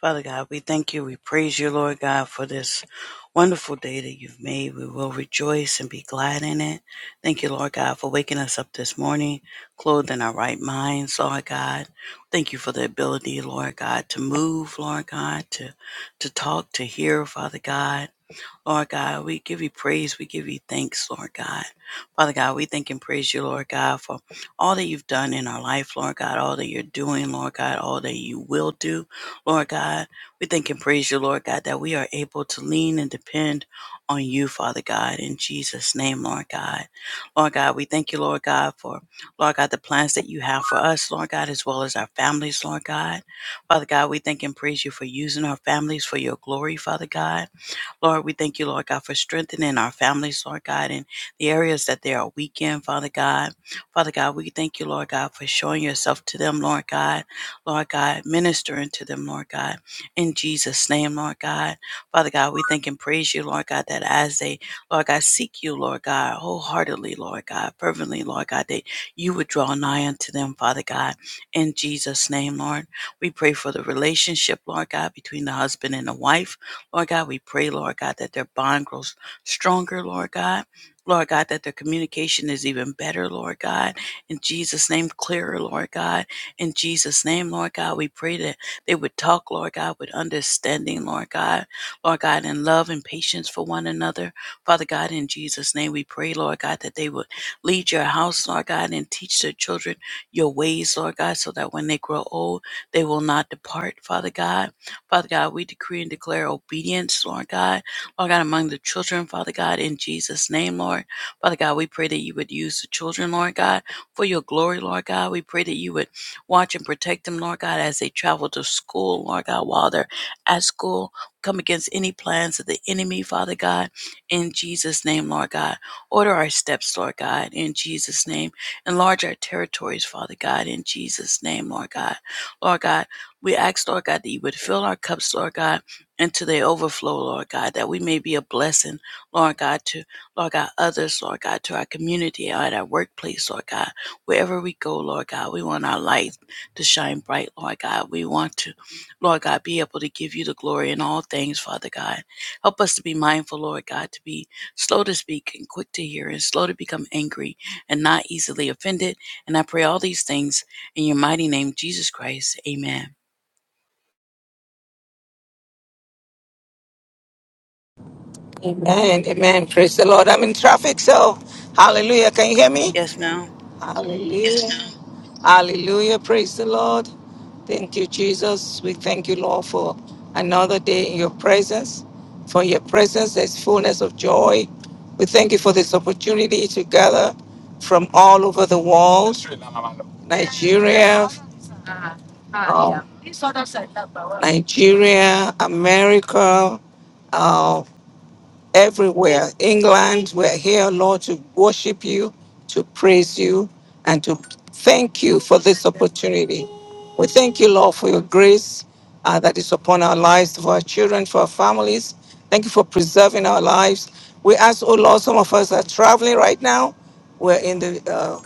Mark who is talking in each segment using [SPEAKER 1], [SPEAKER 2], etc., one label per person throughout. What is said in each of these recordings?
[SPEAKER 1] Father God, we thank you. We praise you, Lord God, for this wonderful day that you've made. We will rejoice and be glad in it. Thank you, Lord God, for waking us up this morning, clothed in our right minds, Lord God. Thank you for the ability, Lord God, to move, Lord God, to to talk, to hear, Father God. Lord God, we give you praise. We give you thanks, Lord God. Father God, we thank and praise you, Lord God, for all that you've done in our life, Lord God, all that you're doing, Lord God, all that you will do, Lord God. We thank and praise you, Lord God, that we are able to lean and depend on you, Father God, in Jesus' name, Lord God. Lord God, we thank you, Lord God, for, Lord God, the plans that you have for us, Lord God, as well as our families, Lord God. Father God, we thank and praise you for using our families for your glory, Father God. Lord, we thank you, Lord God, for strengthening our families, Lord God, in the areas that they are weak in, Father God. Father God, we thank you, Lord God, for showing yourself to them, Lord God. Lord God, ministering to them, Lord God. In Jesus' name, Lord God. Father God, we thank and praise you, Lord God, that as they, Lord God, seek you, Lord God, wholeheartedly, Lord God, fervently, Lord God, that you would draw nigh unto them, Father God. In Jesus' name, Lord. We pray for the relationship, Lord God, between the husband and the wife. Lord God, we pray, Lord God, that their bond grows stronger, Lord God. Lord God, that their communication is even better, Lord God. In Jesus' name, clearer, Lord God. In Jesus' name, Lord God, we pray that they would talk, Lord God, with understanding, Lord God. Lord God, in love and patience for one another. Father God, in Jesus' name, we pray, Lord God, that they would lead your house, Lord God, and teach their children your ways, Lord God, so that when they grow old, they will not depart, Father God. Father God, we decree and declare obedience, Lord God. Lord God, among the children, Father God, in Jesus' name, Lord. Father God, we pray that you would use the children, Lord God, for your glory, Lord God. We pray that you would watch and protect them, Lord God, as they travel to school, Lord God, while they're at school. Come against any plans of the enemy, Father God, in Jesus' name, Lord God. Order our steps, Lord God, in Jesus' name. Enlarge our territories, Father God, in Jesus' name, Lord God. Lord God, we ask, Lord God, that you would fill our cups, Lord God, until they overflow, Lord God, that we may be a blessing, Lord God, to Lord God, others, Lord God, to our community, at our workplace, Lord God, wherever we go, Lord God, we want our light to shine bright, Lord God. We want to, Lord God, be able to give you the glory in all things, Father God. Help us to be mindful, Lord God, to be slow to speak and quick to hear and slow to become angry and not easily offended. And I pray all these things in your mighty name, Jesus Christ. Amen.
[SPEAKER 2] Amen. Amen. Praise the Lord. I'm in traffic, so hallelujah. Can you hear me?
[SPEAKER 1] Yes, ma'am.
[SPEAKER 2] Hallelujah. Hallelujah. Praise the Lord. Thank you, Jesus. We thank you, Lord, for another day in your presence. For your presence, there's fullness of joy. We thank you for this opportunity to gather from all over the world Nigeria, um, Nigeria, America, um, everywhere. England, we're here, Lord, to worship you, to praise you, and to thank you for this opportunity. We thank you, Lord, for your grace uh, that is upon our lives, for our children, for our families. Thank you for preserving our lives. We ask, oh Lord, some of us are traveling right now. We're in the uh,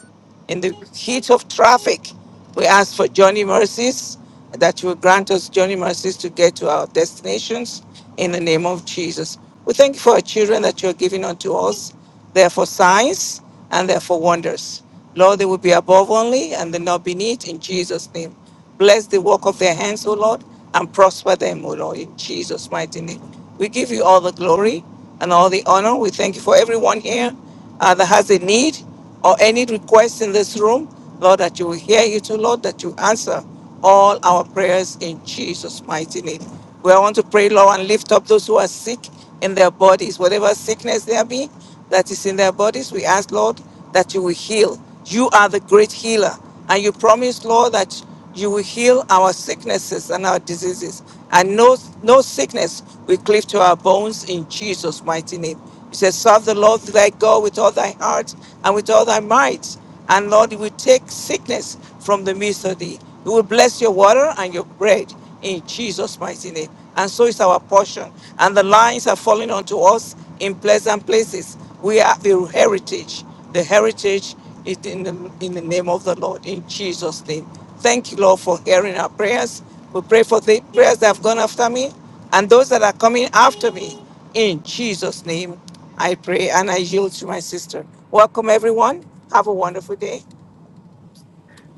[SPEAKER 2] in the heat of traffic, we ask for Johnny mercies, that you will grant us Johnny mercies to get to our destinations in the name of Jesus. We thank you for our children that you are giving unto us. They are for signs and they are for wonders. Lord, they will be above only and they not beneath in Jesus' name. Bless the work of their hands, O Lord, and prosper them, O Lord, in Jesus' mighty name. We give you all the glory and all the honor. We thank you for everyone here uh, that has a need or any request in this room, Lord, that you will hear it, oh Lord, that you answer all our prayers in Jesus' mighty name. We want to pray, Lord, and lift up those who are sick in their bodies, whatever sickness there be that is in their bodies. We ask, Lord, that you will heal. You are the great healer, and you promise, Lord, that you will heal our sicknesses and our diseases, and no, no sickness will cleave to our bones in Jesus' mighty name. You says, Serve the Lord thy God with all thy heart and with all thy might. And Lord, you will take sickness from the midst of thee. You will bless your water and your bread in Jesus' mighty name. And so is our portion. And the lines are falling onto us in pleasant places. We have the heritage, the heritage it in the, in the name of the Lord, in Jesus' name. Thank you, Lord, for hearing our prayers. We pray for the prayers that have gone after me and those that are coming after me. In Jesus' name, I pray and I yield to my sister. Welcome, everyone. Have a wonderful day.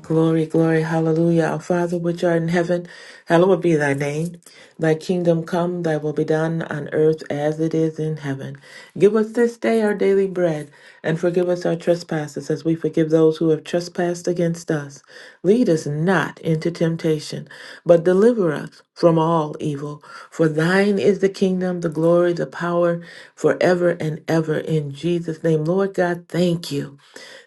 [SPEAKER 3] Glory, glory, hallelujah. Our Father, which art in heaven, hallowed be thy name. Thy kingdom come, thy will be done on earth as it is in heaven. Give us this day our daily bread, and forgive us our trespasses as we forgive those who have trespassed against us. Lead us not into temptation, but deliver us from all evil. For thine is the kingdom, the glory, the power, forever and ever. In Jesus' name, Lord God, thank you.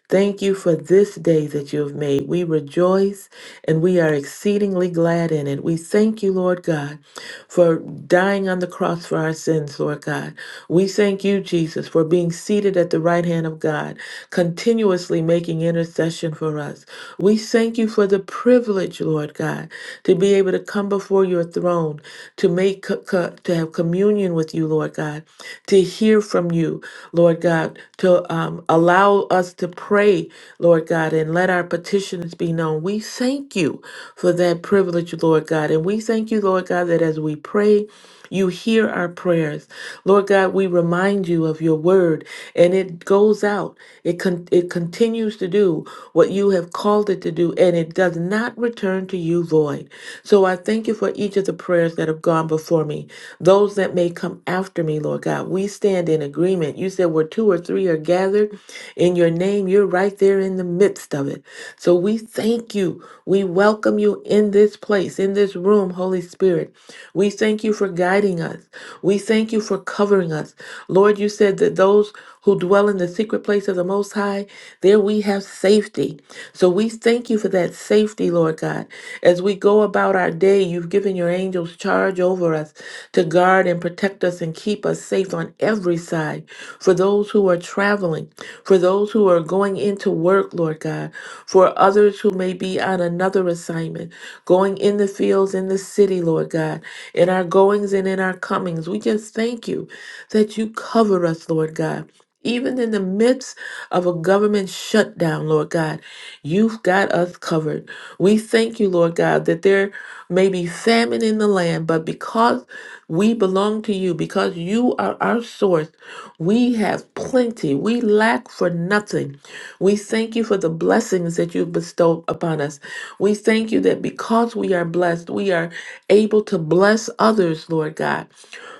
[SPEAKER 3] Thank you for this day that you have made. We rejoice and we are exceedingly glad in it. We thank you, Lord God, for dying on the cross for our sins, Lord God. We thank you, Jesus, for being seated at the right hand of God, continuously making intercession for us. We thank you for the privilege, Lord God, to be able to come before your throne, to make co- co- to have communion with you, Lord God, to hear from you, Lord God, to um, allow us to pray, Lord God, and let our petitions be known. We we thank you for that privilege, Lord God. And we thank you, Lord God, that as we pray, you hear our prayers. Lord God, we remind you of your word and it goes out. It con- it continues to do what you have called it to do and it does not return to you void. So I thank you for each of the prayers that have gone before me. Those that may come after me, Lord God, we stand in agreement. You said where two or three are gathered in your name, you're right there in the midst of it. So we thank you. We welcome you in this place, in this room, Holy Spirit. We thank you for guiding us. We thank you for covering us. Lord, you said that those who dwell in the secret place of the Most High, there we have safety. So we thank you for that safety, Lord God. As we go about our day, you've given your angels charge over us to guard guard and protect us and keep us safe on every side. For those who are traveling, for those who are going into work, Lord God, for others who may be on another assignment, going in the fields, in the city, Lord God, in our goings and in our comings. We just thank you that you cover us, Lord God. Even in the midst of a government shutdown, Lord God, You've got us covered. We thank you, Lord God, that there may be famine in the land, but because we belong to you, because you are our source, we have plenty. We lack for nothing. We thank you for the blessings that you've bestowed upon us. We thank you that because we are blessed, we are able to bless others, Lord God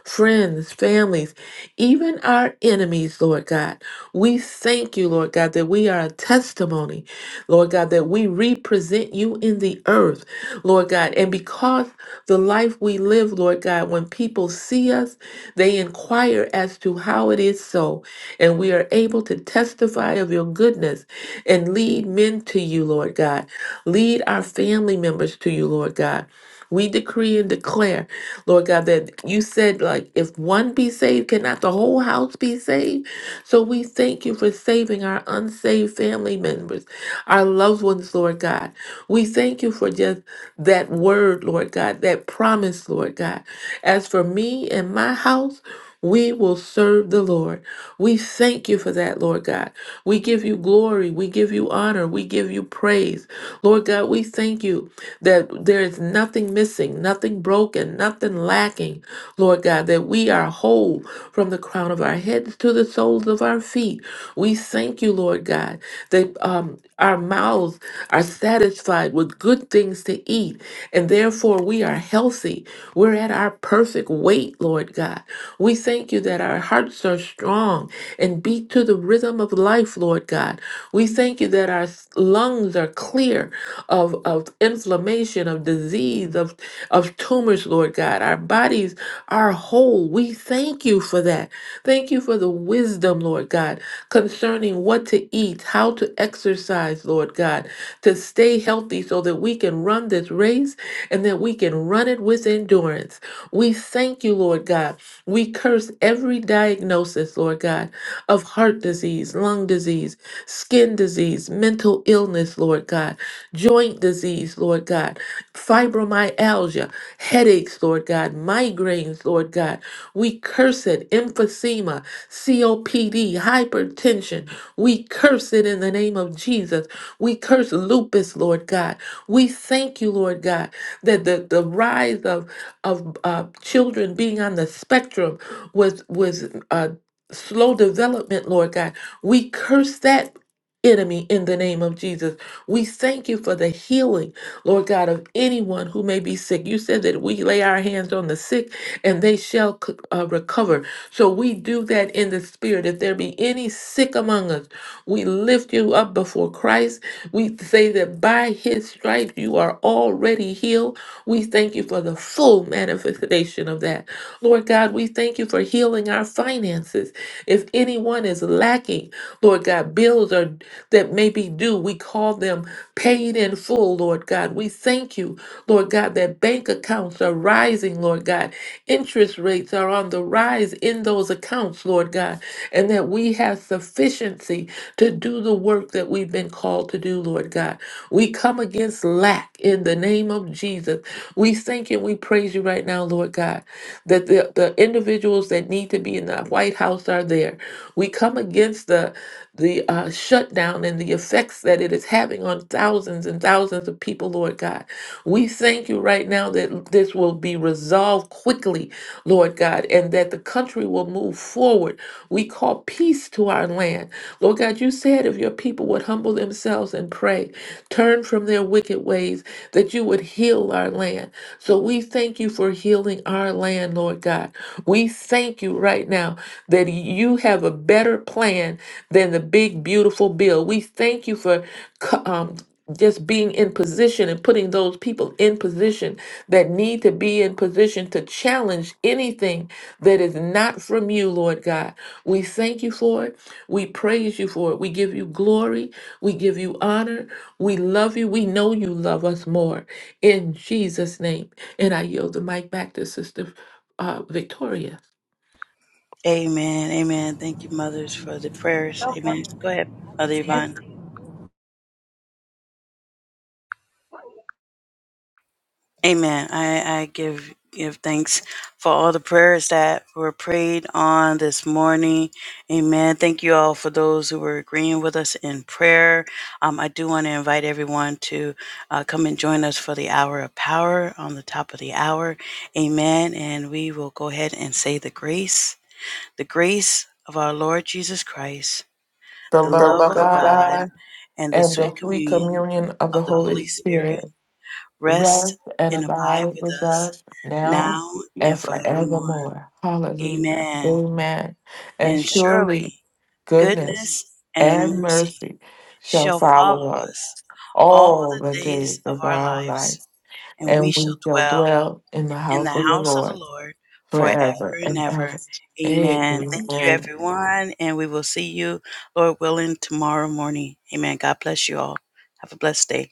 [SPEAKER 3] friends, families, even our enemies, Lord God. We thank you, Lord God, that we are a testimony. Lord God, that we represent you in the earth, Lord God. And because the life we live, Lord God, when people see us, they inquire as to how it is so. And we are able to testify of your goodness and lead men to you, Lord God. Lead our family members to you, Lord God. We decree and declare, Lord God, that you said, like, if one be saved, cannot the whole house be saved? So we thank you for saving our unsaved family members, our loved ones, Lord God. We thank you for just that word, Lord God, that promise, Lord God. As for me and my house, we will serve the Lord. We thank you for that, Lord God. We give you glory. We give you honor. We give you praise. Lord God, we thank you that there is nothing missing, nothing broken, nothing lacking, Lord God, that we are whole from the crown of our heads to the soles of our feet. We thank you, Lord God, that um, our mouths are satisfied with good things to eat, and therefore we are healthy. We're at our perfect weight, Lord God. We thank you that our hearts are strong and beat to the rhythm of life, Lord God. We thank you that our s- lungs are clear of, of inflammation, of disease, of, of tumors, Lord God. Our bodies are whole. We thank you for that. Thank you for the wisdom, Lord God, concerning what to eat, how to exercise, Lord God, to stay healthy so that we can run this race and that we can run it with endurance. We thank you, Lord God. We curse every diagnosis, Lord God, of heart disease, lung disease, skin disease, mental illness, Lord God joint disease, Lord God, fibromyalgia, headaches, Lord God, migraines, Lord God. We curse it, emphysema, COPD, hypertension. We curse it in the name of Jesus. We curse lupus, Lord God. We thank you, Lord God, that the, the rise of, of uh, children being on the spectrum was, was uh, slow development, Lord God. We curse that enemy in the name of Jesus. We thank you for the healing, Lord God, of anyone who may be sick. You said that we lay our hands on the sick and they shall c- uh, recover. So we do that in the spirit. If there be any sick among us, we lift you up before Christ. We say that by his stripes you are already healed. We thank you for the full manifestation of that. Lord God, we thank you for healing our finances. If anyone is lacking, Lord God, bills are that may be due, we call them paid in full, Lord God. We thank you, Lord God, that bank accounts are rising, Lord God. Interest rates are on the rise in those accounts, Lord God, and that we have sufficiency to do the work that we've been called to do, Lord God. We come against lack in the name of Jesus. We thank you and we praise you right now, Lord God, that the, the individuals that need to be in the White House are there. We come against the the uh, shutdown and the effects that it is having on thousands and thousands of people, Lord God. We thank you right now that this will be resolved quickly Lord God, and that the country will move forward. We call peace to our land. Lord God, you said if your people would humble themselves and pray, turn from their wicked ways, that you would heal our land. So we thank you for healing our land, Lord God. We thank you right now that you have a better plan than the big, beautiful bill. We thank you for co- um, just being in position and putting those people in position that need to be in position to challenge anything that is not from you, Lord God. We thank you for it. We praise you for it. We give you glory. We give you honor. We love you. We know you love us more. In Jesus' name. And I yield the mic back to Sister uh, Victoria.
[SPEAKER 1] Amen. Amen. Thank you, mothers, for the prayers. Amen. Go ahead, Mother Yvonne. Amen. I, I give give thanks for all the prayers that were prayed on this morning. Amen. Thank you all for those who were agreeing with us in prayer. Um, I do want to invite everyone to uh, come and join us for the hour of power on the top of the hour. Amen. And we will go ahead and say the grace, the grace of our Lord Jesus Christ
[SPEAKER 3] The
[SPEAKER 1] the
[SPEAKER 3] love
[SPEAKER 1] love
[SPEAKER 3] of
[SPEAKER 1] of God,
[SPEAKER 3] God
[SPEAKER 1] and the
[SPEAKER 3] and
[SPEAKER 1] sweet
[SPEAKER 3] the sweet
[SPEAKER 1] communion
[SPEAKER 3] communion of the
[SPEAKER 1] of the
[SPEAKER 3] Holy
[SPEAKER 1] Holy Spirit
[SPEAKER 3] Spirit
[SPEAKER 1] rest
[SPEAKER 3] rest and
[SPEAKER 1] and abide
[SPEAKER 3] abide
[SPEAKER 1] with
[SPEAKER 3] with
[SPEAKER 1] us
[SPEAKER 3] us now
[SPEAKER 1] now
[SPEAKER 3] and
[SPEAKER 1] and forevermore.
[SPEAKER 3] forevermore. Hallelujah.
[SPEAKER 1] Amen.
[SPEAKER 3] Amen. And
[SPEAKER 1] And
[SPEAKER 3] surely
[SPEAKER 1] surely
[SPEAKER 3] goodness
[SPEAKER 1] goodness and
[SPEAKER 3] and
[SPEAKER 1] mercy
[SPEAKER 3] mercy shall
[SPEAKER 1] shall
[SPEAKER 3] follow
[SPEAKER 1] follow
[SPEAKER 3] us
[SPEAKER 1] us all
[SPEAKER 3] all the
[SPEAKER 1] the
[SPEAKER 3] days
[SPEAKER 1] days of
[SPEAKER 3] of
[SPEAKER 1] our
[SPEAKER 3] our
[SPEAKER 1] lives,
[SPEAKER 3] life,
[SPEAKER 1] and we
[SPEAKER 3] and
[SPEAKER 1] shall
[SPEAKER 3] we shall
[SPEAKER 1] dwell
[SPEAKER 3] dwell in the
[SPEAKER 1] in the
[SPEAKER 3] house of the
[SPEAKER 1] house of the
[SPEAKER 3] Lord
[SPEAKER 1] Lord forever
[SPEAKER 3] forever
[SPEAKER 1] and
[SPEAKER 3] and ever.
[SPEAKER 1] ever. Amen. Thank you,
[SPEAKER 3] Amen.
[SPEAKER 1] everyone. And we will see you, Lord willing, tomorrow morning. Amen. God bless you all. Have a blessed day.